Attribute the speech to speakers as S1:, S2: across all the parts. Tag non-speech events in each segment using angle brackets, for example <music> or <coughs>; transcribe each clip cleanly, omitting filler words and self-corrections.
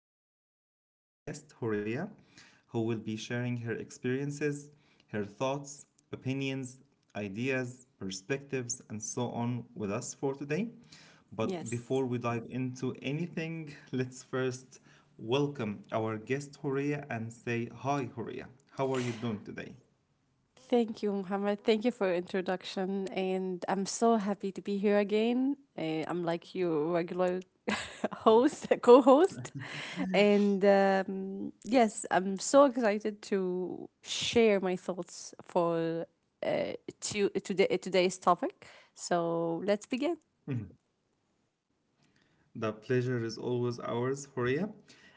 S1: by our dear guest, Horia, who will be sharing her experiences, her thoughts, opinions, ideas, perspectives, and so on with us for today. But
S2: Yes.
S1: before we dive into anything, let's first welcome our guest, Horia, and say hi, Horia. How are you doing today?
S2: Thank you, Muhammad. Thank you for your introduction. And I'm so happy to be here again. I'm like your regular <laughs> host, <laughs> co host. And yes, I'm so excited to share my thoughts for uh, today's topic. So let's begin.
S1: The pleasure is always ours, Horia.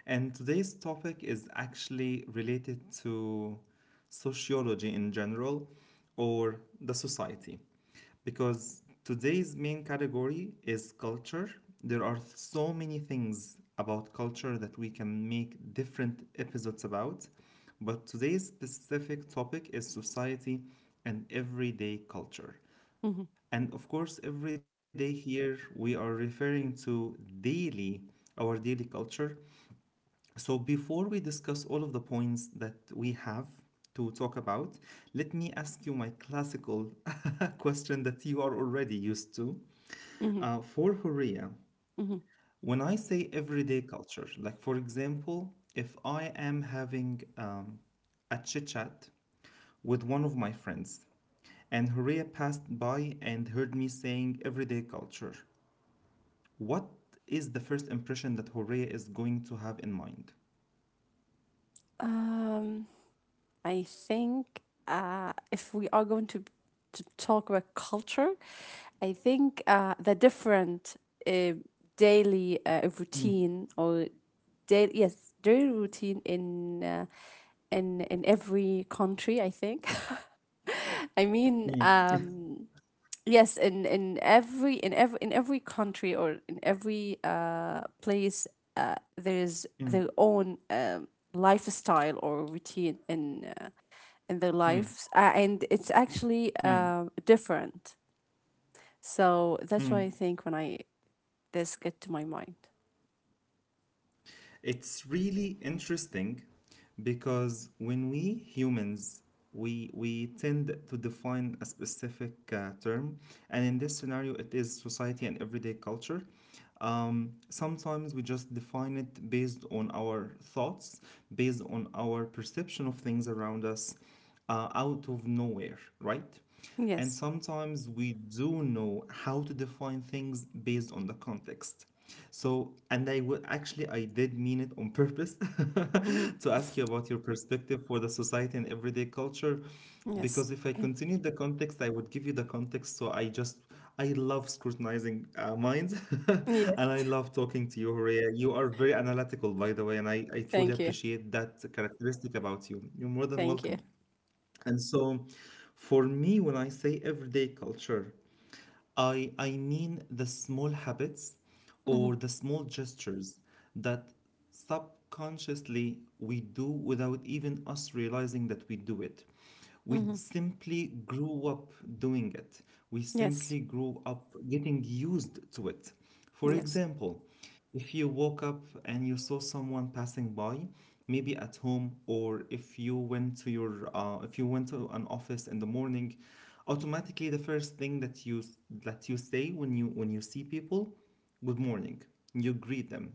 S1: And today's topic is actually related to sociology in general or the society, because today's main category is culture. There are so many things about culture that we can make different episodes about, but today's specific topic is society and everyday culture.
S2: Hmm.
S1: And of course, every day here we are referring to daily, our daily culture. So before we discuss all of the points that we have to talk about, let me ask you my classical <laughs> question that you are already used to. Uh,
S2: Hmm.
S1: for Horea,
S2: Hmm.
S1: when I say everyday culture, like for example, if I am having a chit chat with one of my friends, and Horea passed by and heard me saying everyday culture. What is the first impression that Horea is going to have in mind?
S2: Um, I think if we are going to talk about culture, I think the different uh, daily routine or daily, yes, daily routine in every country. I think. <laughs> I mean,
S1: Mm, <laughs>
S2: yes, in every in every in every country or in every place, there is
S1: mm,
S2: their own lifestyle or routine in their
S1: mm,
S2: lives, and it's actually
S1: mm,
S2: different. So that's why
S1: mm.
S2: I think when I this get to my mind.
S1: It's really interesting because when we humans we tend to define a specific term, and in this scenario, it is society and everyday culture. Sometimes we just define it based on our thoughts, based on our perception of things around us, out of nowhere, right? And
S2: Yes.
S1: sometimes we do know how to define things based on the context. So, and I would actually, I did mean it on purpose
S2: Hmm.
S1: <laughs> to ask you about your perspective for the society and everyday culture.
S2: Yes.
S1: Because if I continued the context, I would give you the context. So I just, I love scrutinizing minds <laughs>
S2: Yes.
S1: and I love talking to you, Horea. You are very analytical, by the way, and I truly
S2: Thank you.
S1: appreciate that characteristic about you. You're more than
S2: Thank you.
S1: welcome. And so, for me, when I say everyday culture, I mean the small habits or
S2: Hmm.
S1: the small gestures that subconsciously we do without even us realizing that we do it. We
S2: Hmm.
S1: simply grew up doing it, we
S2: Yes.
S1: simply grew up getting used to it. For
S2: Yes.
S1: example, if you woke up and you saw someone passing by, maybe at home or if you went to your if you went to an office in the morning, automatically the first thing that you say when you see people, good morning. You greet them.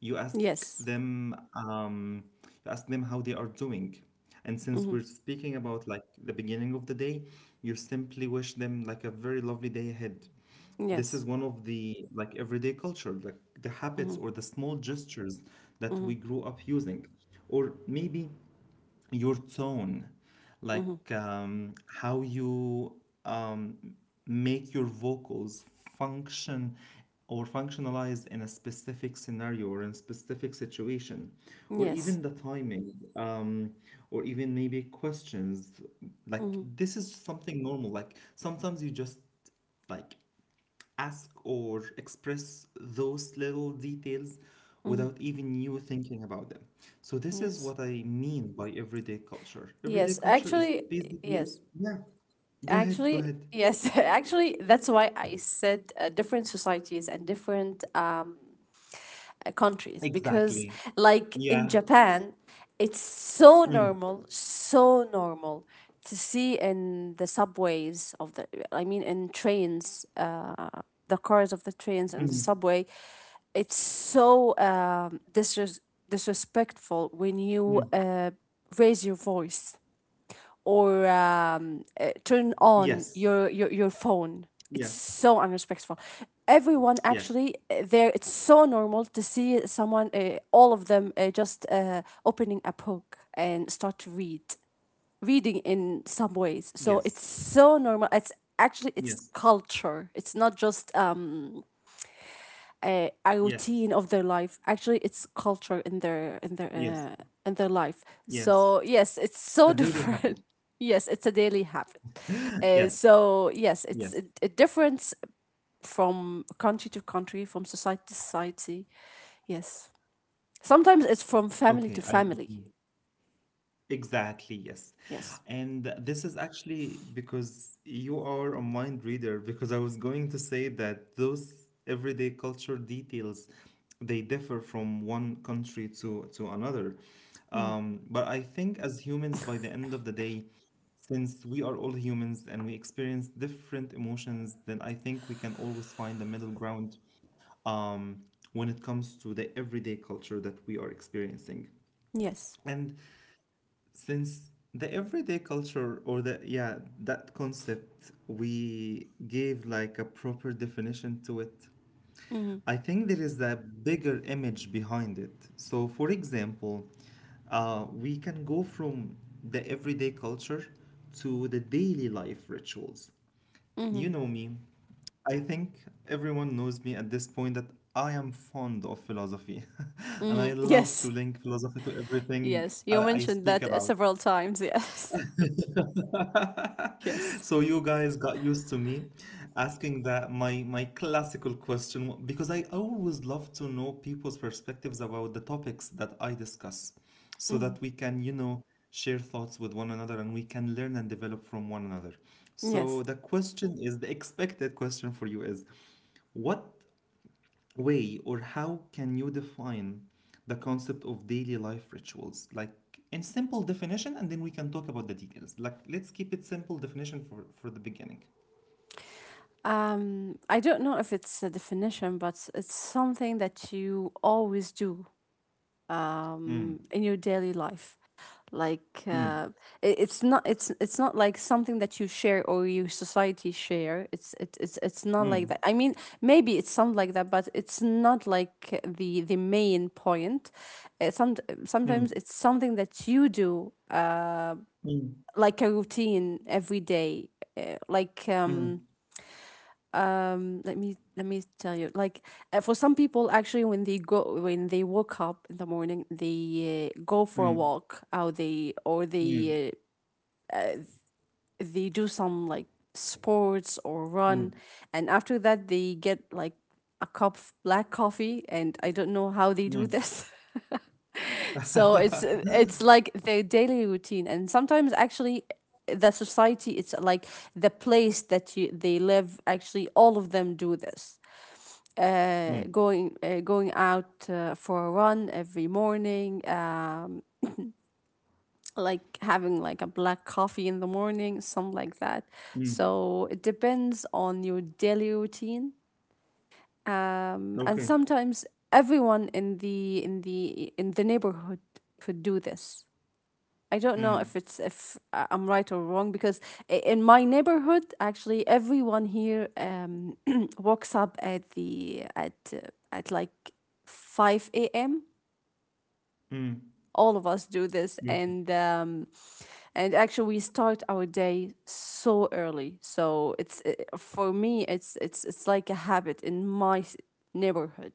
S1: You ask
S2: Yes.
S1: them you ask them how they are doing. And since
S2: Hmm.
S1: we're speaking about like the beginning of the day, you simply wish them like a very lovely day ahead. This is
S2: Yes.
S1: one of the like everyday culture, like the habits
S2: Hmm.
S1: or the small gestures that we
S2: Hmm.
S1: grew up using, or maybe your tone,
S2: Hmm.
S1: like how you um, make your vocals function or functionalize in a specific scenario or in a specific situation, or
S2: Yes.
S1: even the timing, or even maybe questions. Like
S2: Hmm.
S1: this is something normal. Like sometimes you just like ask or express those little details without even you thinking about them. So this is
S2: Yes.
S1: what I mean by everyday culture. Everyday
S2: Yes.
S1: culture is
S2: Actually,
S1: basically,
S2: yes.
S1: yeah, go ahead, go
S2: Actually,
S1: ahead.
S2: yes, <laughs> actually, that's why I said different societies and different countries because,
S1: Exactly.
S2: like in
S1: Yeah.
S2: Japan, it's so normal to see in the subways I mean, in trains, the cars of the trains
S1: Mm,
S2: and the subway, it's so disrespectful when
S1: mm.
S2: you raise your voice or turn on
S1: Yes.
S2: your phone.
S1: Yes.
S2: It's so unrespectful. Everyone
S1: Yeah.
S2: actually there. It's so normal to see someone, all of them, just opening a book and start to read, reading in some ways. So
S1: Yes.
S2: it's so normal. It's actually,
S1: Yes.
S2: it's culture. It's not just a
S1: Yes.
S2: routine of their life. Actually, it's culture in their in their
S1: Yes.
S2: uh, in their life.
S1: Yes.
S2: So yes, it's
S1: A
S2: so <laughs>
S1: daily habit.
S2: different. Yes, it's a daily habit,
S1: Yes.
S2: so yes, it's
S1: Yes.
S2: a difference from country to country, from society to society. Yes, sometimes it's from family
S1: Okay,
S2: to
S1: I
S2: family.
S1: agree. Exactly, yes.
S2: Yes.
S1: And this is actually because you are a mind reader, because I was going to say that those everyday culture details they differ from one country to another.
S2: Mhm.
S1: But I think as humans, by the end of the day, since we are all humans and we experience different emotions, then I think we can always find the middle ground um, when it comes to the everyday culture that we are experiencing.
S2: Yes.
S1: And since the everyday culture or the yeah that concept we gave like a proper definition to it,
S2: Hmm.
S1: I think there is a bigger image behind it. So for example, we can go from the everyday culture to the daily life rituals.
S2: Hmm.
S1: You know me, I think everyone knows me at this point that I am fond of philosophy <laughs> and I
S2: Hmm. <laughs>
S1: love to
S2: Yes,
S1: link philosophy to everything
S2: yes, you
S1: I
S2: mentioned
S1: speak
S2: that
S1: about.
S2: several times. Yes. <laughs> Yes.
S1: So you guys got used to me asking that my classical question because I always love to know people's perspectives about the topics that I discuss so
S2: Hmm.
S1: that we can, you know, share thoughts with one another and we can learn and develop from one another.
S2: Yes.
S1: So the question, is the expected question for you is what way or how can you define the concept of daily life rituals, like in simple definition, and then we can talk about the details. Like let's keep it simple definition for the beginning.
S2: I don't know if it's a definition, but it's something that you always do
S1: Mm,
S2: in your daily life. Like
S1: mm,
S2: it's not like something that you share or your society share. It's it, it's not like
S1: mm,
S2: that. I mean, maybe it's something like that, but it's not like the main point. Uh, some sometimes
S1: mm,
S2: it's something that you do
S1: mm,
S2: like a routine every day, uh, like um
S1: mm,
S2: let me tell you, like, for some people. Actually, when they woke up in the morning, they go for a
S1: mm,
S2: walk, or they or
S1: mm,
S2: they uh, they do some, like, sports or
S1: mm,
S2: run. And after that, they get, like, a cup of black coffee, and I don't know how they do this. <laughs> So it's
S1: mm, <laughs>
S2: it's like their daily routine. And sometimes, actually, the society, it's like the place that you they live, actually all of them do this,
S1: mm,
S2: going out for a run every morning, like having, like, a black coffee in the morning, something like that.
S1: mm.
S2: So it depends on your daily routine, and
S1: Okay.
S2: sometimes everyone in the neighborhood could do this. I don't know
S1: Mm,
S2: if it's if I- I'm right or wrong, because in my neighborhood, actually, everyone here <clears throat> wakes up at the at like 5 a.m.
S1: mm.
S2: All of us do this,
S1: Okay.
S2: and actually we start our day so early. So it's for me, it's like a habit in my neighborhood,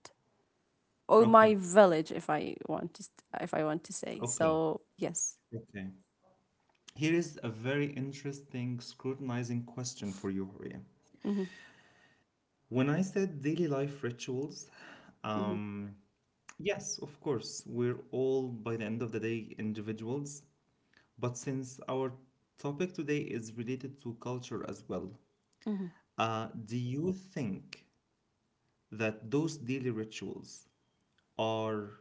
S2: or
S1: Okay,
S2: my village, if I want if I want to say.
S1: okay,
S2: So yes.
S1: okay. Here is a very interesting scrutinizing question for you, Horia.
S2: Mm-hmm.
S1: When I said daily life rituals,
S2: Mm-hmm.
S1: um, yes, of course, we're all by the end of the day individuals. But since our topic today is related to culture as well,
S2: Mm-hmm.
S1: do you think that those daily rituals are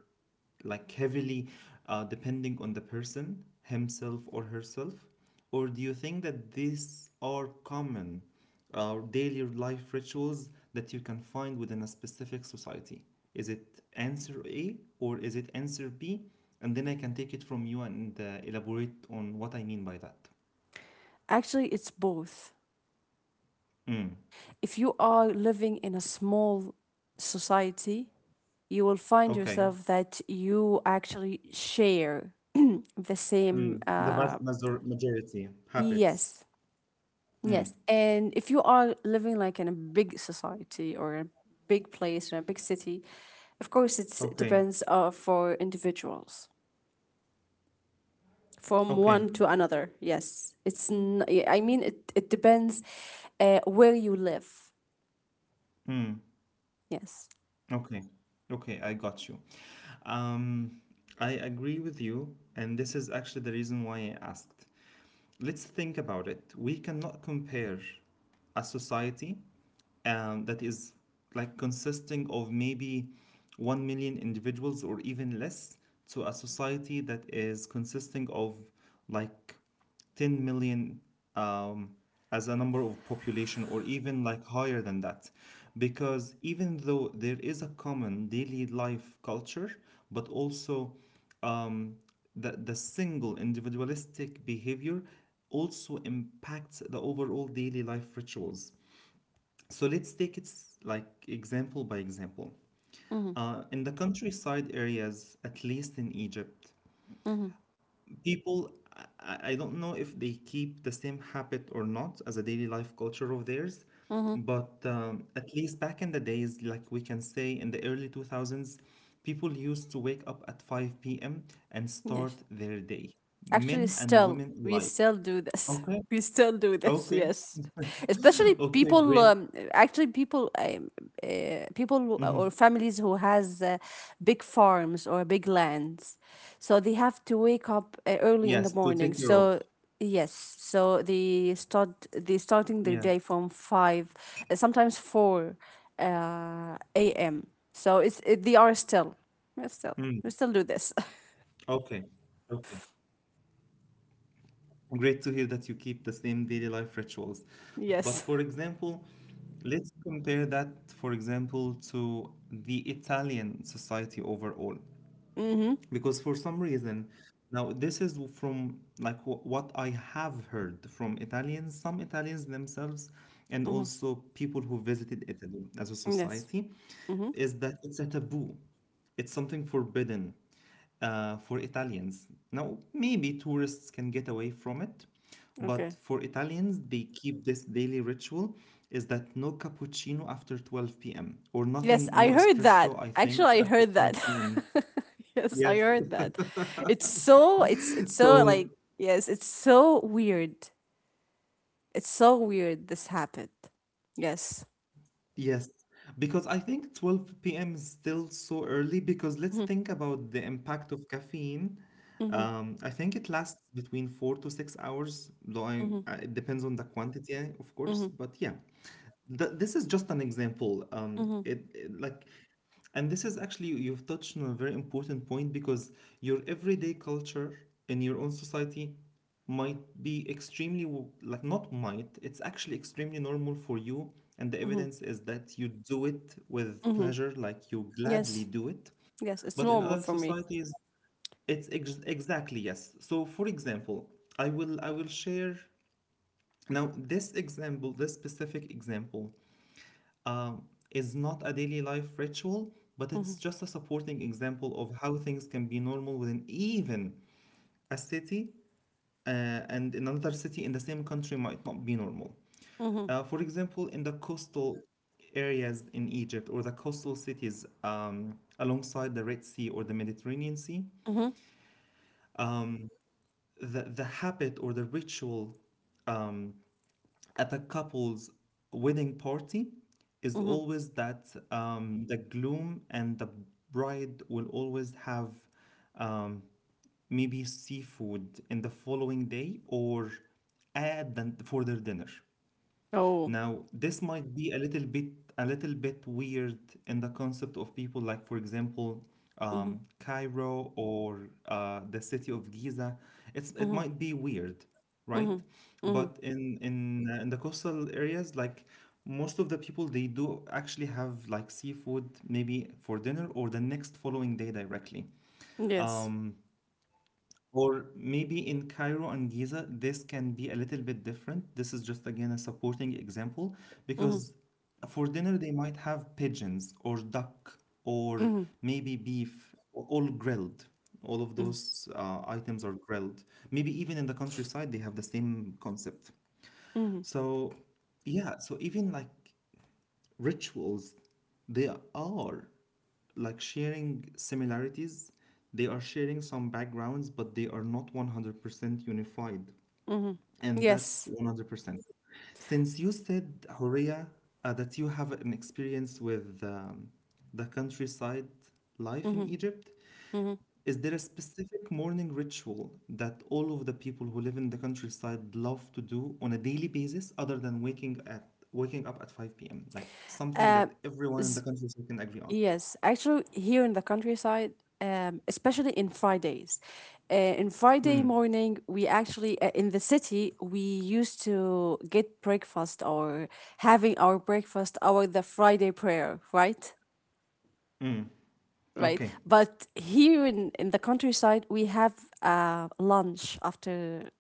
S1: like heavily depending on the person himself or herself, or do you think that these are common daily life rituals that you can find within a specific society? Is it answer A or is it answer B? And then I can take it from you and elaborate on what I mean by that.
S2: Actually, it's both.
S1: Mm.
S2: If you are living in a small society, you will find
S1: Okay.
S2: yourself that you actually share <clears throat> the same.
S1: Mm, the vast majority habits.
S2: Yes, yes. And if you are living, like, in a big society or a big place or a big city, of course, it
S1: Okay.
S2: depends, for individuals, from
S1: Okay.
S2: one to another. Yes, it's. I mean, it depends where you live.
S1: Mm.
S2: Yes.
S1: Okay, okay, I got you. Um, I agree with you, and this is actually the reason why I asked. Let's think about it. We cannot compare a society that is like consisting of maybe 1 million individuals or even less to a society that is consisting of like 10 million um, as a number of population or even like higher than that, because even though there is a common daily life culture, but also um, the single individualistic behavior also impacts the overall daily life rituals. So let's take it like example by example.
S2: Mm-hmm.
S1: In the countryside areas, at least in Egypt,
S2: mm-hmm.
S1: people, I don't know if they keep the same habit or not as a daily life culture of theirs,
S2: Mm-hmm.
S1: but at least back in the days, like we can say in the early 2000s, people used to wake up at 5 p.m. and start
S2: Yes.
S1: their day,
S2: Actually,
S1: men and
S2: still,
S1: women
S2: we
S1: alike.
S2: still do this. <laughs>
S1: Okay,
S2: We still do this.
S1: okay,
S2: Yes. Especially
S1: <laughs> okay, great.
S2: actually, people or
S1: Mhm.
S2: families who has big farms or big lands, so they have to wake up early in the
S1: Yes, to
S2: morning.
S1: take care of.
S2: So yes, so they starting their
S1: Yeah.
S2: day from five, sometimes four, a.m. So they are still, we still
S1: Mm.
S2: we still do this.
S1: Okay, okay. Great to hear that you keep the same daily life rituals. But
S2: <laughs> Yes.
S1: for example, let's compare that, for example, to the Italian society overall,
S2: Mm-hmm.
S1: because for some reason, now this is from like what I have heard from Italians, some Italians themselves, and
S2: Mm-hmm.
S1: also people who visited Italy as a
S2: Yes.
S1: society,
S2: Mm-hmm.
S1: is that it's a taboo, it's something forbidden for Italians. Now maybe tourists can get away from it, but
S2: Okay.
S1: for Italians they keep this daily ritual, is that no cappuccino after 12 p.m. or
S2: Yes,
S1: nothing, no
S2: I heard that.
S1: espresso I think
S2: Actually, I
S1: after
S2: heard
S1: 12
S2: that.
S1: p.m.
S2: <laughs> Yes, I
S1: Yes,
S2: heard that. It's so,
S1: so,
S2: like, yes, it's so weird. It's so weird this happened. Yes.
S1: yes, because I think 12 p.m. is still so early, because let's
S2: Mm-hmm.
S1: think about the impact of caffeine.
S2: Mm-hmm.
S1: I think it lasts between 4 to 6 hours, though
S2: Mm-hmm.
S1: it depends on the quantity, eh, of course.
S2: Mm-hmm.
S1: But yeah, this is just an example.
S2: Mm-hmm.
S1: Like. And this is actually, you've touched on a very important point, because your everyday culture in your own society might be extremely, like, not might, it's actually extremely normal for you. And the
S2: Mm-hmm.
S1: evidence is that you do it with
S2: Mm-hmm.
S1: pleasure, like, you gladly
S2: Yes.
S1: do it.
S2: Yes, it's
S1: But in
S2: normal
S1: other
S2: for me.
S1: societies, it's exactly, yes. So, for example, I will share now this example, this specific example is not a daily life ritual, but
S2: Mm-hmm.
S1: it's just a supporting example of how things can be normal within even a city, and in another city in the same country might not be normal.
S2: Mm-hmm.
S1: For example, in the coastal areas in Egypt or the coastal cities alongside the Red Sea or the Mediterranean Sea,
S2: Mm-hmm.
S1: the habit or the ritual um, at a couple's wedding party is
S2: Mm-hmm.
S1: always that the gloom and the bride will always have um, maybe seafood in the following day or add than for their dinner.
S2: Oh.
S1: Now, this might be a little bit weird in the concept of people like, for example,
S2: Mm-hmm.
S1: Cairo or the city of Giza. It's it
S2: Mm-hmm.
S1: might be weird, right?
S2: Mm-hmm. Mm-hmm.
S1: But in the coastal areas, like most of the people, they do actually have like seafood maybe for dinner or the next following day directly.
S2: Yes.
S1: Um, or maybe in Cairo and Giza, this can be a little bit different. This is just again a supporting example
S2: Mm-hmm.
S1: because for dinner they might have pigeons or duck or
S2: Mm-hmm.
S1: maybe beef, all grilled. All of
S2: Mm-hmm.
S1: those items are grilled. Maybe even in the countryside they have the same concept.
S2: mm-hmm.
S1: So yeah, so even like rituals, they are like sharing similarities, they are sharing some backgrounds, but they are not 100% unified,
S2: Mhm.
S1: and that's
S2: Yes.
S1: 100%. Since you said Horia, that you have an experience with the countryside life in
S2: Mhm.
S1: Egypt,
S2: Mhm.
S1: is there a specific morning ritual that all of the people who live in the countryside love to do on a daily basis other than waking up at 5 p.m.? Like something
S2: Uh,
S1: that everyone in the
S2: s-
S1: countryside can agree on.
S2: yes. Actually, here in the countryside, especially in Fridays, in Friday
S1: Hmm.
S2: morning, we actually, in the city we used to get breakfast, or having our breakfast our the Friday prayer, right? Right.
S1: Okay.
S2: But here in the countryside, we have lunch after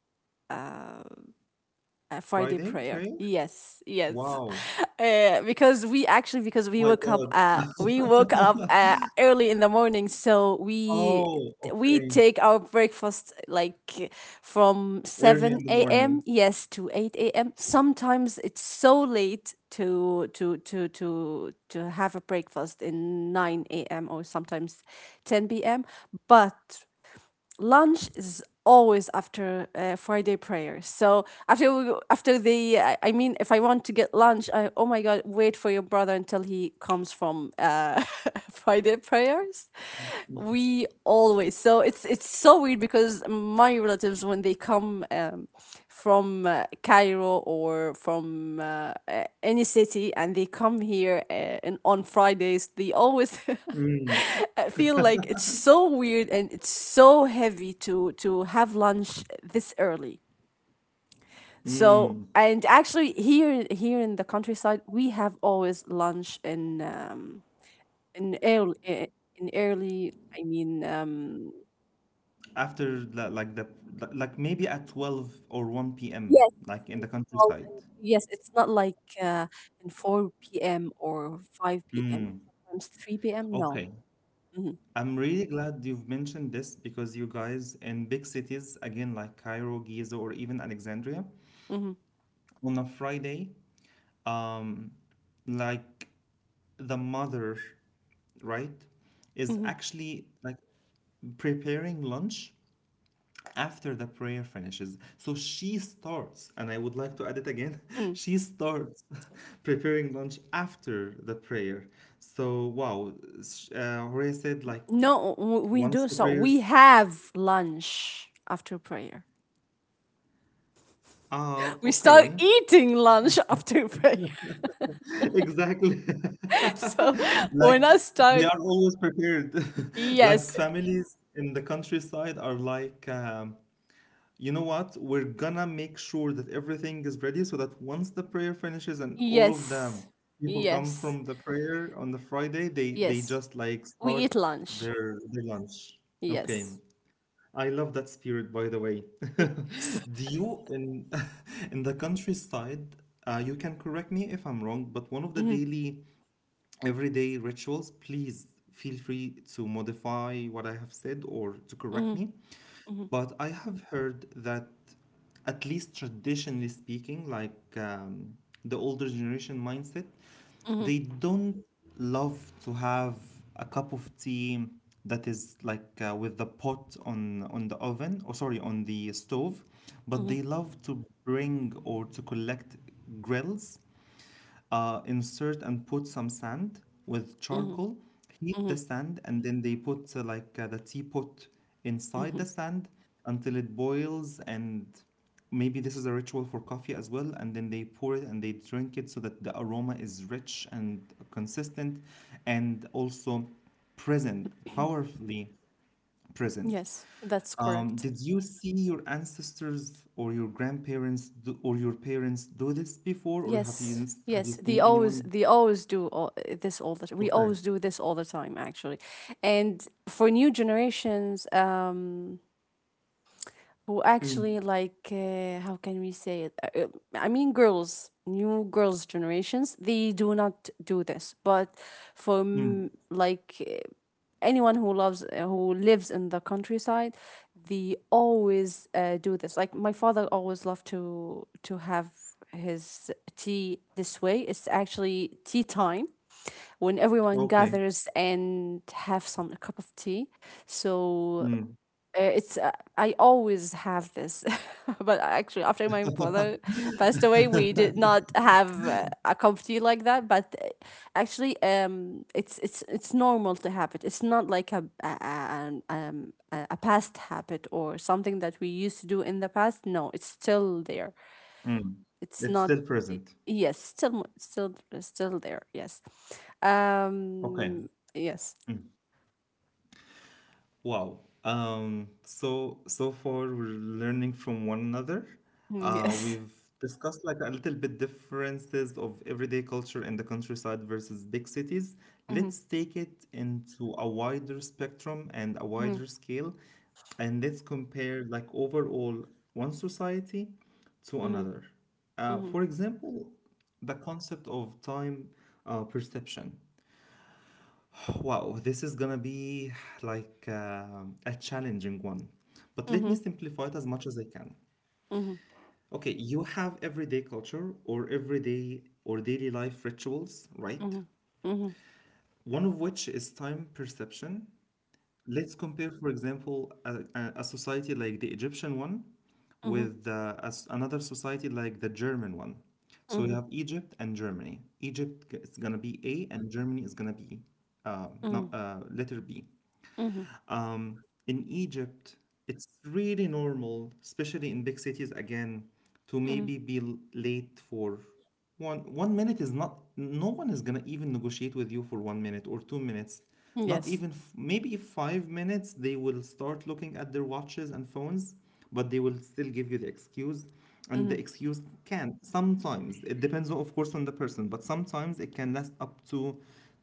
S2: Friday
S1: Friday
S2: prayer.
S1: prayer?
S2: Yes, yes,
S1: Wow.
S2: <laughs> because we actually because we
S1: My
S2: woke up we
S1: God.
S2: woke up,
S1: <laughs>
S2: early in the morning, so we
S1: Oh,
S2: we
S1: okay.
S2: take our breakfast, like, from
S1: Early in the
S2: 7 a.m.,
S1: morning.
S2: yes, to 8 a.m. Sometimes it's so late to have a breakfast in 9 a.m., or sometimes 10 p.m. But lunch is always after Friday prayer. So after we, after the I mean, if I want to get lunch, I oh my God, wait for your brother until he comes from <laughs> Friday prayers. We always So it's so weird, because my relatives, when they come, from Cairo, or from any city, and they come here, and on Fridays they always. <laughs>
S1: Mm.
S2: I feel like it's so weird, and it's so heavy to have lunch this early. So,
S1: Mm.
S2: and actually, here in the countryside, we have always lunch in um in early eh, in early, I mean,
S1: After the like maybe at 12 or 1 p.m.
S2: yes,
S1: like in the
S2: 12,
S1: countryside.
S2: and yes, it's not like, uh in 4 p.m., or 5 p.m., sometimes 3 p.m., no.
S1: Okay.
S2: Mhm.
S1: I'm really glad you've mentioned this because you guys in big cities, again, like Cairo, Giza, or even Alexandria,
S2: Mhm.
S1: on a Friday, um, like the mother, right, is
S2: Mhm.
S1: actually like preparing lunch after the prayer finishes. So she starts, and I would like to add it again, <laughs>
S2: Mm.
S1: she starts <laughs> preparing lunch after the prayer. So, wow, Horea said, like,
S2: No, we
S1: once
S2: do,
S1: the
S2: so we
S1: prayers.
S2: have lunch after prayer.
S1: Ah,
S2: We start
S1: okay.
S2: eating lunch after prayer. <laughs>
S1: Exactly.
S2: So
S1: <laughs>
S2: when
S1: Like
S2: I
S1: they
S2: start,
S1: are always prepared. <laughs> Like
S2: yes,
S1: families in the countryside are like, you know what? We're gonna make sure that everything is ready so that once the prayer finishes and all of them
S2: yes,
S1: people come
S2: yes,
S1: from the prayer on the Friday, they
S2: yes,
S1: just like
S2: we
S1: start
S2: eat lunch.
S1: their lunch. Okay.
S2: Yes.
S1: I love that spirit, by the way. <laughs>
S2: Yes.
S1: Do
S2: <laughs>
S1: you in <laughs> in the countryside, you can correct me if I'm wrong, but one of the
S2: Mhm.
S1: daily everyday rituals, please feel free to modify what I have said or to correct
S2: Mhm.
S1: me.
S2: Mhm.
S1: But I have heard that, at least traditionally speaking, like the older generation mindset,
S2: Mhm.
S1: they don't love to have a cup of tea that is like with the pot on the oven, or sorry, on the stove, but
S2: Mhm.
S1: they love to bring or to collect grills, insert and put some sand with
S2: Mhm.
S1: charcoal, heat the
S2: Mhm.
S1: sand, and then they put the teapot inside
S2: Mhm.
S1: the sand until it boils. And maybe this is a ritual for coffee as well. And then they pour it and they drink it so that the aroma is rich and consistent and also present, powerfully present.
S2: Yes, that's correct.
S1: Did you see your ancestors or your grandparents do, or your parents do this before, or have
S2: Yes,
S1: you have you
S2: yes. They
S1: seen
S2: always
S1: anyone.
S2: they always do this all the time. We
S1: Okay.
S2: always do this all the time, actually. And for new generations, who actually,
S1: Mm,
S2: like, how can we say it? I mean, girls new girls generations they do not do this. But
S1: mm,
S2: like, anyone who loves who lives in the countryside, they always do this. Like, my father always loved to have his tea this way. It's actually tea time, when everyone
S1: okay.
S2: gathers and have some a cup of tea. So,
S1: Mm.
S2: it's I always have this. <laughs> But actually, after my father passed away, we did
S1: <laughs>
S2: not have a comfy like that. But actually, it's normal to have it. It's not like a past habit, or something that we used to do in the past. No, it's still there.
S1: Mm. It's
S2: It's
S1: still
S2: not.
S1: present.
S2: y- Yes, still there. Yes,
S1: Okay.
S2: um, yes.
S1: Wow. So far we're learning from one another.
S2: Mm, yes. <laughs>
S1: We've discussed like a little bit differences of everyday culture in the countryside versus big cities.
S2: Mm-hmm.
S1: Let's take it into a wider spectrum and a wider scale, and let's compare like overall one society to
S2: Mm-hmm.
S1: another. For example, the concept of time perception. Wow, this is gonna be like a challenging one, but let me
S2: Mm-hmm.
S1: simplify it as much as I can.
S2: Mm-hmm.
S1: Okay, you have everyday culture or everyday or daily life rituals, right?
S2: Mhm. Mhm.
S1: One of which is time perception. Let's compare, for example, a society like the Egyptian one
S2: Mhm.
S1: with another society like the German one. So you
S2: Mhm.
S1: have Egypt and Germany. Egypt is gonna be A, and Germany is gonna be no,
S2: Mhm.
S1: letter B.
S2: Mhm.
S1: In Egypt, it's really normal, especially in big cities again, to
S2: Mhm.
S1: maybe be late for one minute, is not, no one is gonna even negotiate with you for 1 minute or 2 minutes. Not
S2: Yes.
S1: even maybe 5 minutes, they will start looking at their watches and phones, but they will still give you the excuse. And the
S2: Mhm.
S1: excuse can sometimes, it depends of course on the person, but sometimes it can last up to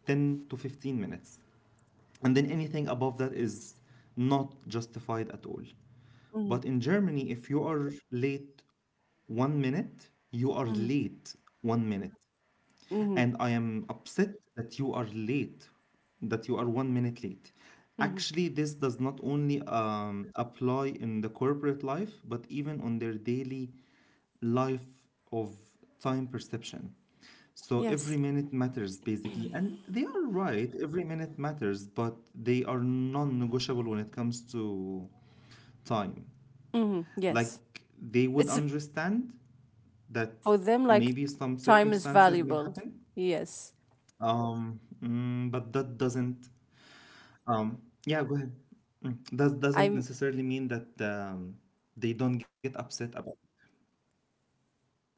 S1: 10 to 15 minutes, and then anything above that is not justified at all.
S2: Mhm.
S1: But in Germany, if you are late 1 minute, you are
S2: Mhm.
S1: late 1 minute.
S2: Mhm.
S1: And I am upset that you are late, that you are 1 minute late.
S2: Mhm.
S1: Actually, this does not only apply in the corporate life, but even on their daily life of time perception. So
S2: Yes.
S1: every minute matters basically, and they are right. Every minute matters, but they are non-negotiable when it comes to time.
S2: Mhm. Yes.
S1: Like they would
S2: It's
S1: understand that
S2: for them, like,
S1: maybe some
S2: time is
S1: circumstances may
S2: valuable.
S1: happen,
S2: Yes.
S1: but that doesn't. Yeah, go ahead. That doesn't
S2: I'm
S1: necessarily mean that they don't get upset about. It.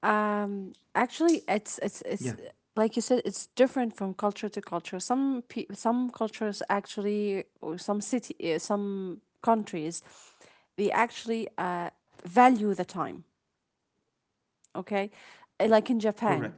S2: actually
S1: Yeah,
S2: it's like you said, it's different from culture to culture. Some cultures, actually, or some city some countries, they actually value the time, okay? Like in
S1: correct.
S2: Japan,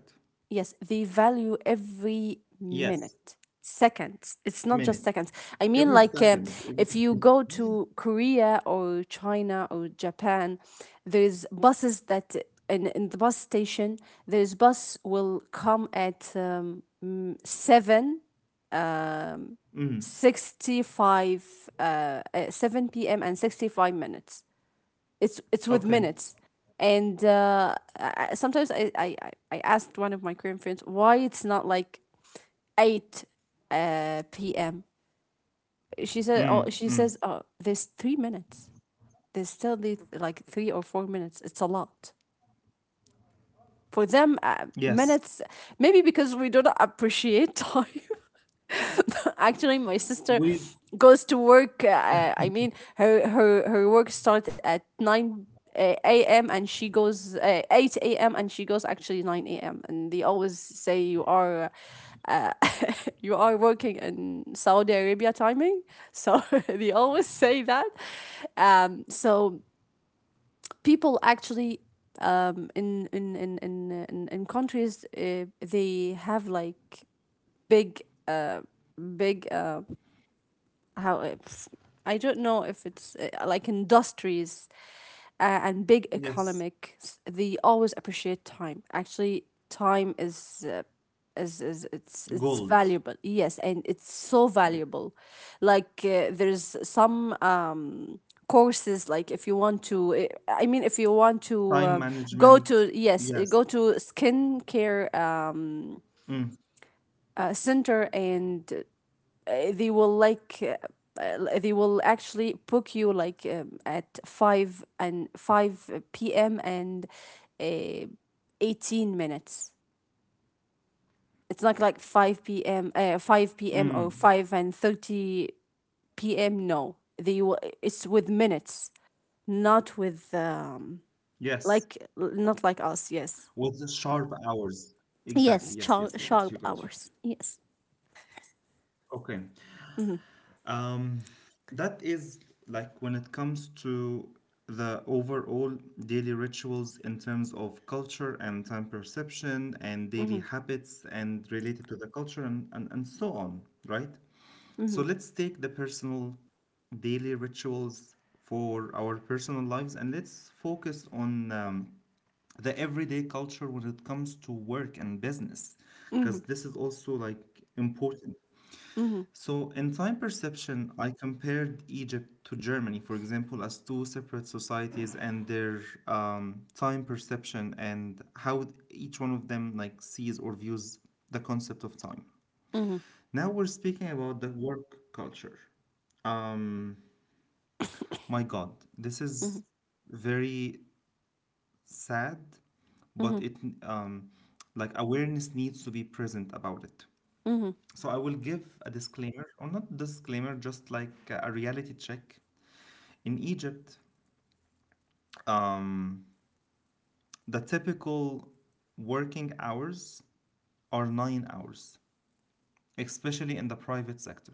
S2: yes, they value every
S1: Yes,
S2: minute, seconds. It's
S1: minute,
S2: not just seconds. I
S1: every
S2: mean, like,
S1: second.
S2: if
S1: Every.
S2: you go to Korea or China or Japan, there's buses that in the bus station, there's bus will come at
S1: Mm,
S2: 7 p.m and 65 minutes, it's with
S1: okay.
S2: minutes. And sometimes asked one of my Korean friends, why it's not like 8 p.m. She said,
S1: Mm,
S2: oh, she
S1: mm.
S2: says, oh, there's 3 minutes. There's still like 3 or 4 minutes. It's a lot. For them,
S1: Yes,
S2: minutes, maybe because we do not appreciate <laughs> time. <laughs> Actually, my sister
S1: with,
S2: goes to work, I mean, her work starts at 9 a.m, and she goes 8 a.m, and she goes actually 9 a.m, and they always say, you are working in Saudi Arabia timing. So <laughs> they always say that. So people actually, in countries, they have, like, big uh big, how it's I don't know, if it's like, industries and big
S1: yes,
S2: economics, they always appreciate time. Actually, time is, it's
S1: gold,
S2: valuable. Yes, and it's so valuable. Like, there's some courses, like, if you want to eh, I mean, if you want to
S1: time
S2: go
S1: management.
S2: to, yes, eh,
S1: Yes,
S2: go to skincare
S1: mm,
S2: center. And uh, they will like uh, they will actually book you, like, at 5 and 5 p.m and uh, 18 minutes. It's not like 5 p.m, 5 p.m,
S1: mm,
S2: or 5:30 p.m. No, they will, it's with minutes, not with
S1: yes,
S2: like, not like us, yes.
S1: with the sharp hours.
S2: Yes,
S1: Exactly. Yes,
S2: sharp,
S1: yes, you got
S2: sharp
S1: you, got you.
S2: hours. Yes.
S1: Okay.
S2: Mm-hmm.
S1: Um, that is like when it comes to the overall daily rituals in terms of culture and time perception and daily
S2: Mm-hmm.
S1: habits and related to the culture and so on, right?
S2: Mm-hmm.
S1: So let's take the personal daily rituals for our personal lives, and let's focus on the everyday culture when it comes to work and business,
S2: Mm-hmm.
S1: because this is also like important. So, in time perception, I compared Egypt to Germany, for example, as two separate societies and their time perception and how each one of them like sees or views the concept of time.
S2: Mm-hmm.
S1: Now we're speaking about the work culture. Um, my God, this
S2: Mm-hmm.
S1: is very sad,
S2: Mm-hmm.
S1: but it, um, like awareness needs to be present about it.
S2: Mm-hmm.
S1: So I will give a disclaimer, or not disclaimer, just like a reality check. In Egypt, um, the typical working hours are 9 hours, especially in the private sector.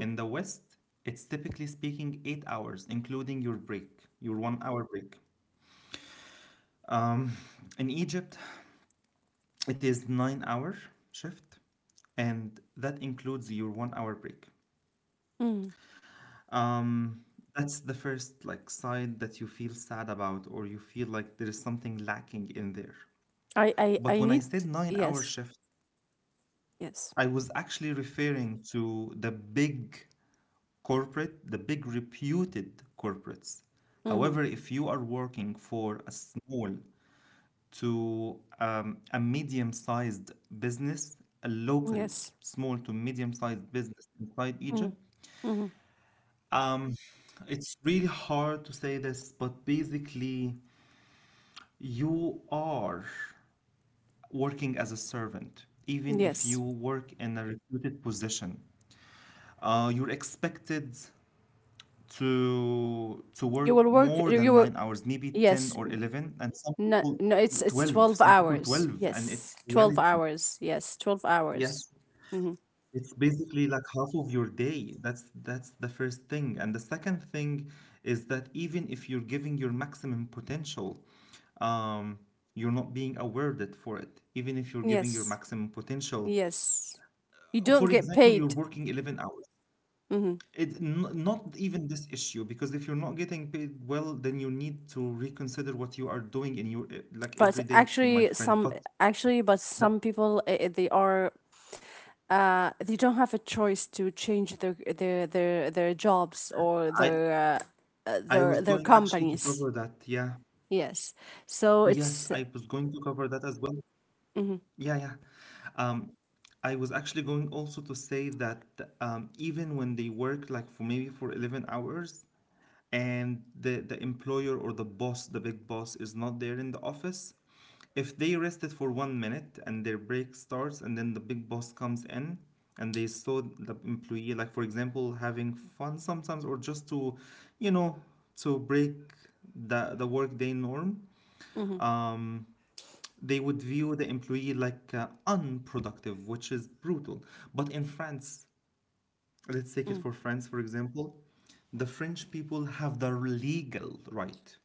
S1: In the West, it's typically speaking 8 hours, including your break, your 1 hour break. Um, <laughs> in Egypt, it is 9 hour shift, and that includes your 1 hour break.
S2: Mm-hmm.
S1: Um, that's the first like side that you feel sad about, or you feel like there is something lacking in there.
S2: I
S1: But when I
S2: need,
S1: said 9 hour
S2: yes,
S1: shift,
S2: yes.
S1: I was actually referring to the big corporate, the big reputed corporates.
S2: Hmm.
S1: However, if you are working for a small to a medium sized business, a local
S2: Yes.
S1: small to medium sized business inside Egypt,
S2: Mm-hmm.
S1: um, it's really hard to say this, but basically, you are working as a servant, even if you
S2: Yes.
S1: work in a reputed position. You're expected to
S2: You will
S1: work
S2: work
S1: more
S2: you
S1: than
S2: will
S1: 9 hours, maybe 10
S2: yes.
S1: or 11, and some
S2: No,
S1: people
S2: no, it's
S1: 12,
S2: 12
S1: some people
S2: hours.
S1: 12, and
S2: Yes.
S1: it's
S2: 12
S1: reality.
S2: hours. Yes, 12 hours.
S1: Yes,
S2: Hmm.
S1: it's basically like half of your day. That's the first thing. And the second thing is that even if you're giving your maximum potential, um, you're not being awarded for it, even if you're giving your
S2: Yes.
S1: maximum potential.
S2: Yes. You
S1: For
S2: don't get
S1: example, you're
S2: paid.
S1: working 11 hours.
S2: Hmm.
S1: It's not even this issue because if you're not getting paid well, then you need to reconsider what you are doing in your like
S2: But
S1: every day, my
S2: actually
S1: friend.
S2: some
S1: But
S2: actually but
S1: the,
S2: some people, they don't have a choice to change their jobs
S1: I
S2: or their,
S1: I was going
S2: their
S1: actually to cover
S2: companies.
S1: that. Yeah.
S2: Yes. So
S1: Yes, I
S2: it's
S1: was going to cover that as well. Yeah, yeah. Um, I was actually going also to say that even when they work like for maybe for 11 hours, and the employer or the boss, the big boss, is not there in the office, if they rested for 1 minute and their break starts and then the big boss comes in and they saw the employee, like for example, having fun sometimes or just you know, to break the workday norm,
S2: hmm,
S1: um, they would view the employee like unproductive, which is brutal. But in France, let's take it
S2: mm,
S1: for France, for example, the French people have the legal right.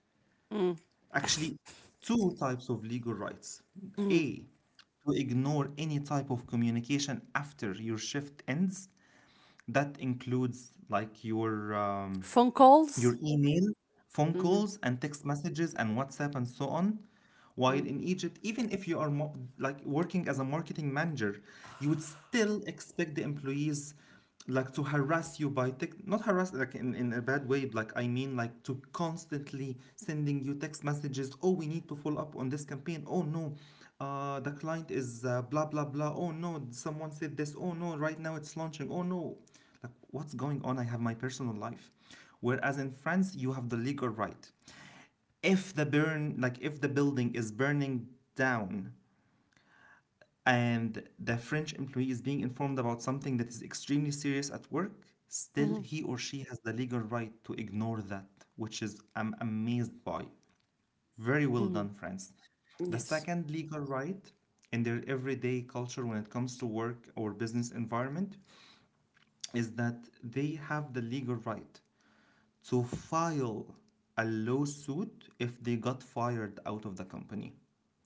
S2: mm.
S1: Actually, two types of legal rights. A, to ignore any type of communication after your shift ends. That includes like your um,
S2: Phone
S1: your
S2: calls.
S1: email, phone
S2: Mm-hmm.
S1: calls, and text messages, and WhatsApp, and so on. While
S2: Mm.
S1: in Egypt, even if you are like working as a marketing manager, you would still expect the employees like to harass you by text, not harass like in a bad way. Like I mean, like to constantly sending you text messages. Oh, we need to follow up on this campaign. Oh no, the client is blah blah blah. Oh no, someone said this. Oh no, right now it's launching. Oh no, like, what's going on? I have my personal life. Whereas in France, you have the legal right. If the building is burning down and the French employee is being informed about something that is extremely serious at work, still
S2: Mm-hmm.
S1: he or she has the legal right to ignore that, which is I'm amazed by. Very well
S2: Mm-hmm.
S1: done, France. The
S2: Yes.
S1: second legal right in their everyday culture when it comes to work or business environment is that they have the legal right so file a lawsuit if they got fired out of the company.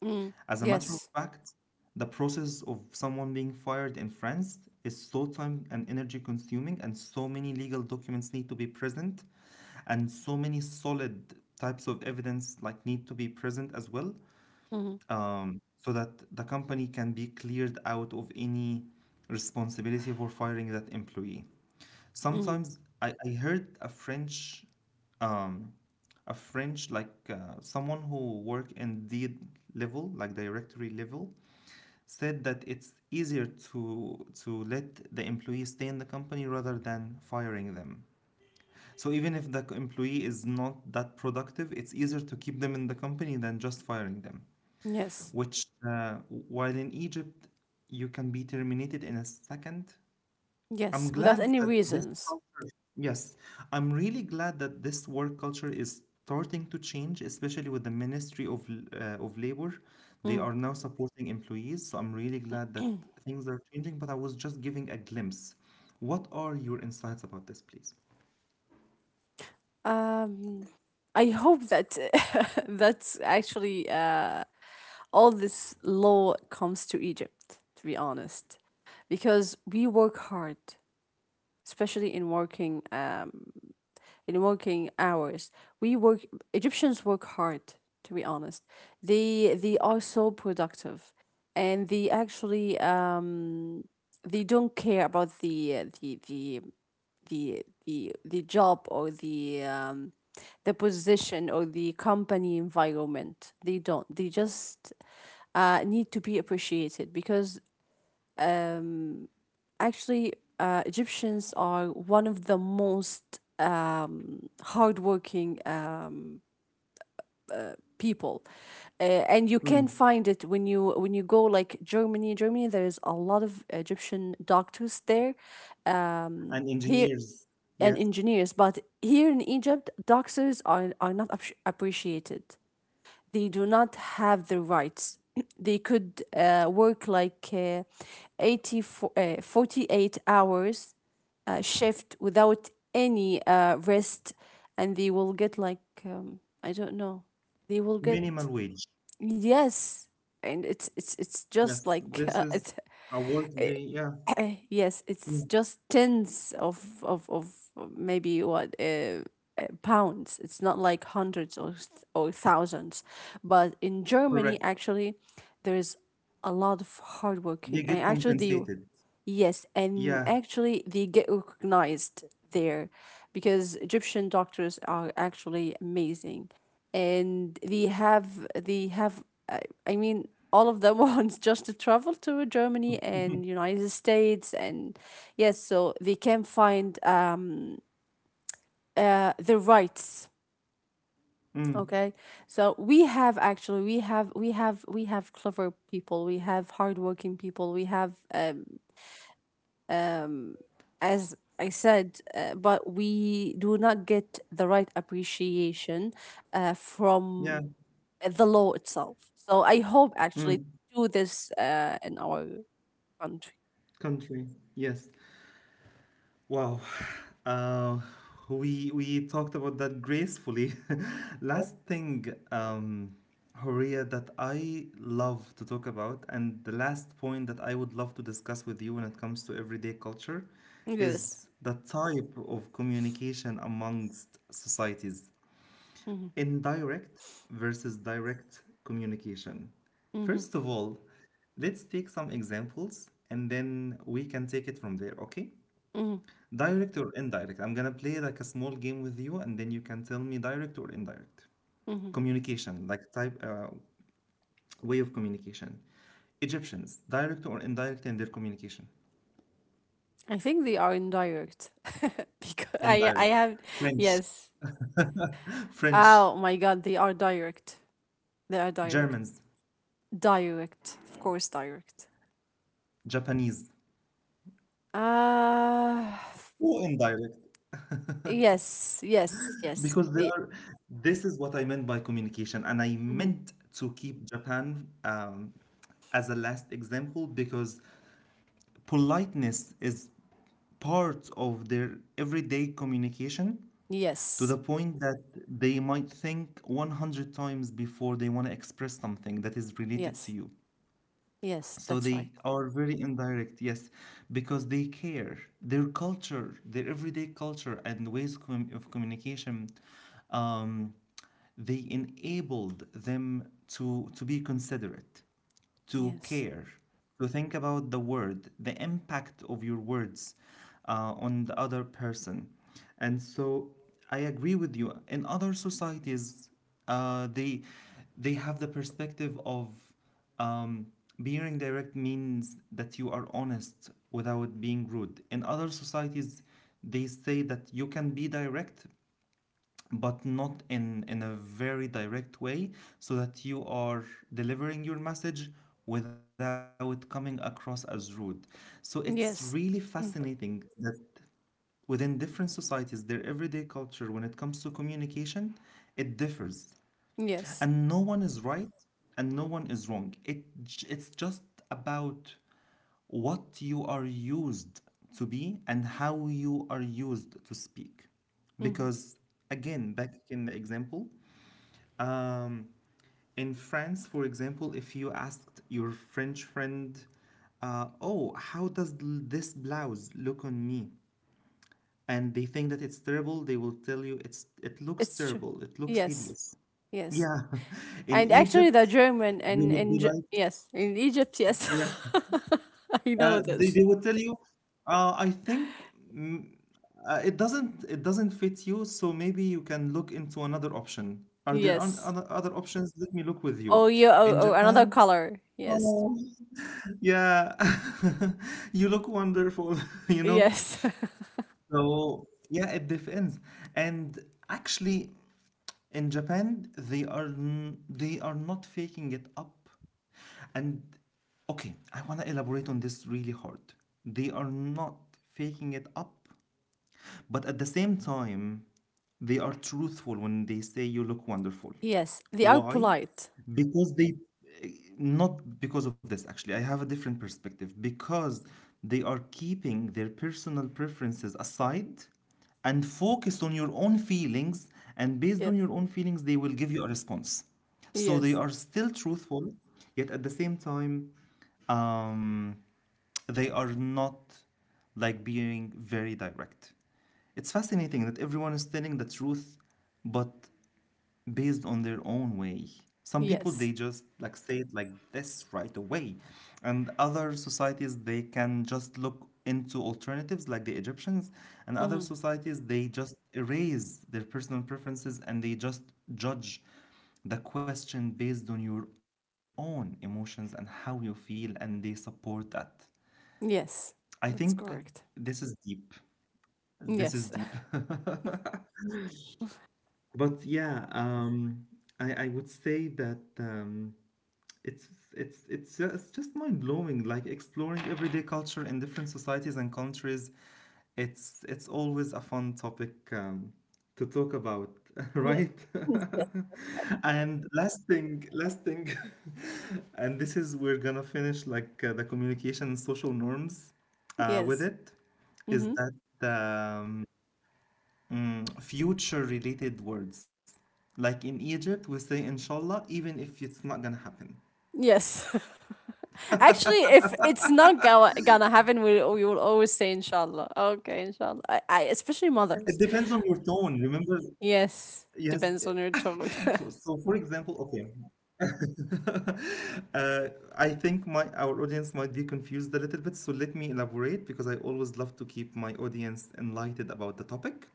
S2: Mm.
S1: As a matter of
S2: Yes.
S1: fact, the process of someone being fired in France is so time and energy consuming, and so many legal documents need to be present, and so many solid types of evidence like need to be present as well,
S2: Mm-hmm.
S1: so that the company can be cleared out of any responsibility for firing that employee.
S2: Mm-hmm.
S1: Sometimes I heard um, a French like someone who work in the level, like directory level, said that it's easier to let the employee stay in the company rather than firing them. So even if the employee is not that productive, it's easier to keep them in the company than just firing them.
S2: Yes.
S1: Which, while in Egypt, you can be terminated in a second.
S2: Yes.
S1: I'm
S2: Without
S1: glad
S2: any
S1: that this
S2: reasons.
S1: culture, yes, I'm really glad that this work culture is starting to change, especially with the Ministry of Labor. They
S2: Mm.
S1: are now supporting employees, so I'm really glad that things are changing. But I was just giving a glimpse. What are your insights about this, please?
S2: Um, I hope that <laughs> that's actually all this law comes to Egypt. To be honest, because we work hard, especially in working, hours. We work Egyptians work hard, to be honest. They are so productive, and they actually they don't care about the job or the position or the company environment. They don't. They just need to be appreciated because, actually, Egyptians are one of the most, hardworking, people, and you can
S1: Mm.
S2: find it when you go, like, Germany. Germany, there is a lot of Egyptian doctors there.
S1: And
S2: Here,
S1: engineers,
S2: and
S1: yes,
S2: engineers, but here in Egypt, doctors are not appreciated. They do not have the rights. <clears throat> They could, work like, 80, 48 hours, shift without any, rest, and they will get like, I don't know. They will get,
S1: minimal wage.
S2: yes, and it's just
S1: Yes,
S2: like, <laughs>
S1: this is
S2: it's
S1: a work they, yeah,
S2: <coughs> yes, it's
S1: mm,
S2: just tens of maybe what, pounds. It's not like hundreds, or or thousands. But in Germany,
S1: correct.
S2: actually, there is a lot of hardworking.
S1: They
S2: Working. And
S1: get
S2: actually, the
S1: compensated.
S2: yes, and
S1: Yeah,
S2: actually they get recognized there, because Egyptian doctors are actually amazing, and they have uh, I mean, all of them <laughs> wants just to travel to Germany and United States, and yes, so they can find the rights.
S1: mm,
S2: Okay, so we have, actually, we have clever people, we have hardworking people, we have, um, as I said, but we do not get the right appreciation from
S1: yeah,
S2: the law itself. So I hope actually
S1: mm.
S2: do this in our country.
S1: Country, yes. Wow. Uh, we talked about that gracefully. <laughs> Last thing, Horia, that I love to talk about, and the last point that I would love to discuss with you when it comes to everyday culture,
S2: Yes.
S1: is the type of communication amongst societies,
S2: Hmm.
S1: indirect versus direct communication.
S2: Hmm.
S1: First of all, let's take some examples and then we can take it from there, okay?
S2: Hmm.
S1: Direct or indirect? I'm gonna play like a small game with you, and then you can tell me direct or indirect.
S2: Hmm.
S1: Communication, like type, way of communication. Egyptians, direct or indirect in their communication?
S2: I think they are indirect. <laughs> Because I
S1: Indirect.
S2: have,
S1: French,
S2: yes.
S1: <laughs> French,
S2: Oh my God, they are direct. They are direct.
S1: Germans,
S2: Direct, of course, direct.
S1: Japanese.
S2: Uh
S1: Oh, indirect.
S2: yes, yes, yes.
S1: Because they
S2: They,
S1: are, this is what I meant by communication, and I
S2: hmm.
S1: meant to keep Japan as a last example because politeness is part of their everyday communication to
S2: Yes.
S1: the point that they might think 100 times before they want to express something that is related to
S2: Yes.
S1: you.
S2: Yes.
S1: So
S2: That's
S1: they
S2: right.
S1: are very indirect, yes, because they care. Their culture, their everyday culture and ways of communication, um, they enabled them to be considerate to
S2: Yes.
S1: care, to think about the word, the impact of your words on the other person. And so I agree with you. In other societies, uh, they they have the perspective of um, being direct means that you are honest without being rude. In other societies, they say that you can be direct but not in a very direct way so that you are delivering your message without coming across as rude, so it's really
S2: Yes. Mm.
S1: fascinating that within different societies, their everyday culture when it comes to communication, it differs,
S2: Yes.
S1: and no one is right and no one is wrong, it it's just about what you are used to be and how you are used to speak
S2: Hmm.
S1: because again, back in the example, um, in France, for example, if you asked your French friend, oh, how does this blouse look on me, and they think that it's terrible, they will tell you it's, it looks
S2: It's true.
S1: terrible, it looks
S2: Yes.
S1: hideous.
S2: Yes.
S1: Yeah, <laughs> in
S2: And actually, the
S1: Egypt,
S2: German
S1: they
S2: and
S1: would be
S2: in Ge-
S1: like,
S2: yes, in Egypt, yes.
S1: yeah,
S2: <laughs> I know this.
S1: they would tell you, I think, mm, it doesn't fit you, so maybe you can look into another option. Are there
S2: Yes.
S1: other other options? Let me look with
S2: Oh,
S1: you.
S2: you.
S1: In
S2: Oh, another
S1: Japan,
S2: color. Yes.
S1: oh, <laughs> yeah, <laughs> you look wonderful, <laughs> you know.
S2: Yes.
S1: So yeah, it depends, and actually, in Japan, they are they are not faking it up, and okay, I want to elaborate on this really hard. They are not faking it up, but at the same time, they are truthful when they say you look wonderful.
S2: <laughs> Yes. They are
S1: Why?
S2: polite.
S1: Because they, not because of this actually, I have a different perspective. Because they are keeping their personal preferences aside and focused on your own feelings. And based on
S2: Yes.
S1: your own feelings, they will give you a response. So they
S2: Yes.
S1: are still truthful, yet at the same time, um, they are not like being very direct. It's fascinating that everyone is telling the truth, but based on their own way. Some people
S2: Yes.
S1: they just like say it like this right away, and other societies they can just look into alternatives like the Egyptians, and other
S2: Hmm.
S1: societies they just erase their personal preferences and they just judge the question based on your own emotions and how you feel, and they support that.
S2: Yes.
S1: I
S2: That's
S1: think
S2: correct.
S1: this is deep. This is
S2: Yes.
S1: deep. <laughs> But yeah, I would say that it's it's just mind blowing. Like exploring everyday culture in different societies and countries, it's always a fun topic to talk about, <laughs>
S2: <laughs> Yes.
S1: right?
S2: <laughs> Yes.
S1: <laughs> And last thing, <laughs> and this is we're gonna finish like the communication and social norms with
S2: Yes.
S1: it, is
S2: Hmm.
S1: that. Mm, future related words. Like in Egypt, we say inshallah, even if it's not gonna happen.
S2: Yes. <laughs> Actually, if it's not gonna happen, we will always say inshallah. Okay, inshallah.
S1: It
S2: Especially
S1: depends on your
S2: mothers.
S1: tone. Remember, yes.
S2: Yes.
S1: <laughs>
S2: Depends on your
S1: For-
S2: tone.
S1: so,
S2: <laughs>
S1: for example, okay. <laughs> uh, I think my our audience might be confused a little bit, so let me elaborate because I always love to keep my audience enlightened about the topic.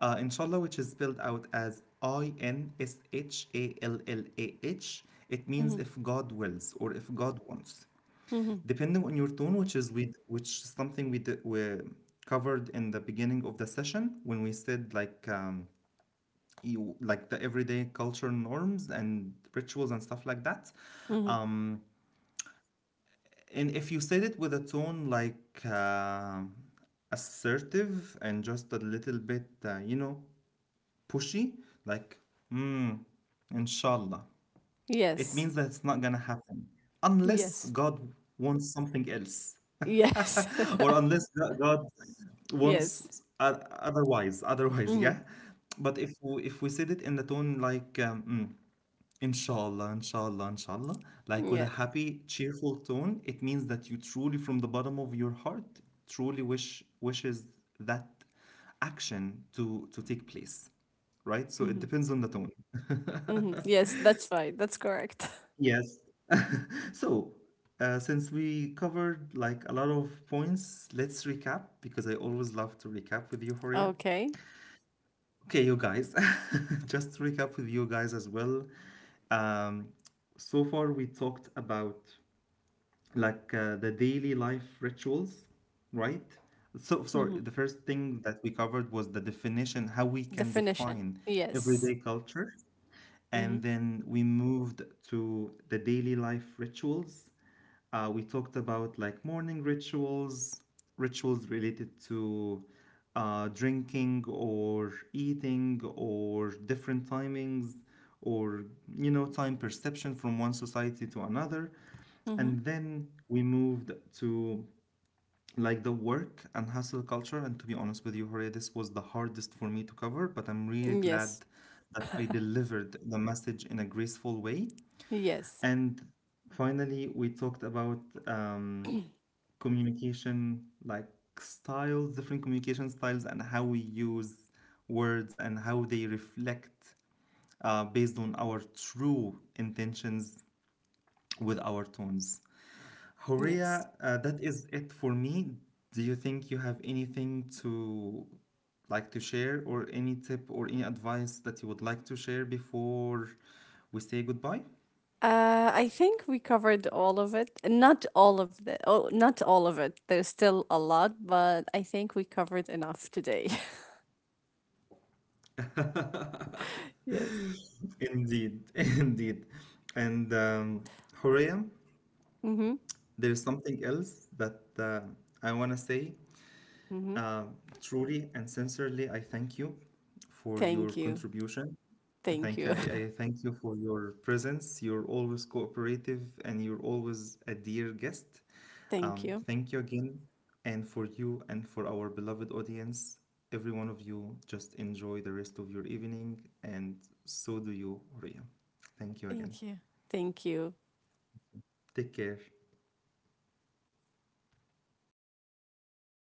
S1: Inshallah, which is spelled out as Inshallah, it means
S2: Hmm.
S1: if God wills or if God wants.
S2: Hmm.
S1: Depending on your tone, which is something we covered in the beginning of the session when we said like you like the everyday culture norms and rituals and stuff like that.
S2: Hmm.
S1: Um and if you said it with a tone like assertive and just a little bit you know, pushy, like mm, inshallah. It
S2: Yes.
S1: means that it's not gonna happen unless
S2: Yes.
S1: God wants something else,
S2: Yes.
S1: <laughs> or unless God
S2: <laughs>
S1: wants
S2: Yes.
S1: otherwise. Otherwise,
S2: Hmm.
S1: yeah. But if we said it in the tone like mm, inshallah, inshallah, inshallah, like with a
S2: Yeah.
S1: happy, cheerful tone, it means that you truly, from the bottom of your heart, truly wishes that action to take place, right? So it
S2: Hmm.
S1: depends on the tone.
S2: Hmm.
S1: <laughs>
S2: Yes, that's fine. That's correct. <laughs>
S1: Yes. So, since we covered like a lot of points, let's recap because I always love to recap with you, Horia.
S2: Okay.
S1: Okay, you guys, <laughs> just to recap with you guys as well. Um, so far, we talked about like the daily life rituals, right? So, sorry,
S2: Hmm.
S1: the first thing that we covered was the definition, how we can
S2: Definition.
S1: define
S2: Yes.
S1: everyday culture. And
S2: Hmm.
S1: then we moved to the daily life rituals. We talked about like morning rituals, rituals related to drinking or eating or different timings or, you know, time perception from one society to another.
S2: Hmm.
S1: And then we moved to like the work and hustle culture, and to be honest with you Horia, this was the hardest for me to cover, but I'm really
S2: Yes.
S1: glad that I delivered the message in a graceful way,
S2: Yes.
S1: and finally we talked about um, communication like styles, different communication styles and how we use words and how they reflect based on our true intentions with our tones.
S2: Yes.
S1: Horea, that is it for me. Do you think you have anything to like to share, or any tip or any advice that you would like to share before we say goodbye?
S2: I think we covered all of it. Not all of the Oh, not all of it. There's still a lot, but I think we covered enough today.
S1: <laughs>
S2: <laughs> Yes.
S1: Indeed, <laughs> indeed. And Horea,
S2: Mm-hmm.
S1: there is something else that I want to say.
S2: Mm-hmm.
S1: Um, truly and sincerely, I thank you for your
S2: Thank you.
S1: contribution.
S2: Thank
S1: Thank you.
S2: you.
S1: I thank you for your presence. You're always cooperative and you're always a dear guest.
S2: <laughs> Thank you.
S1: Thank you again. And for you and for our beloved audience, every one of you, just enjoy the rest of your evening. And so do you, Ria. Thank you again.
S2: Thank you. Thank you.
S1: Take care.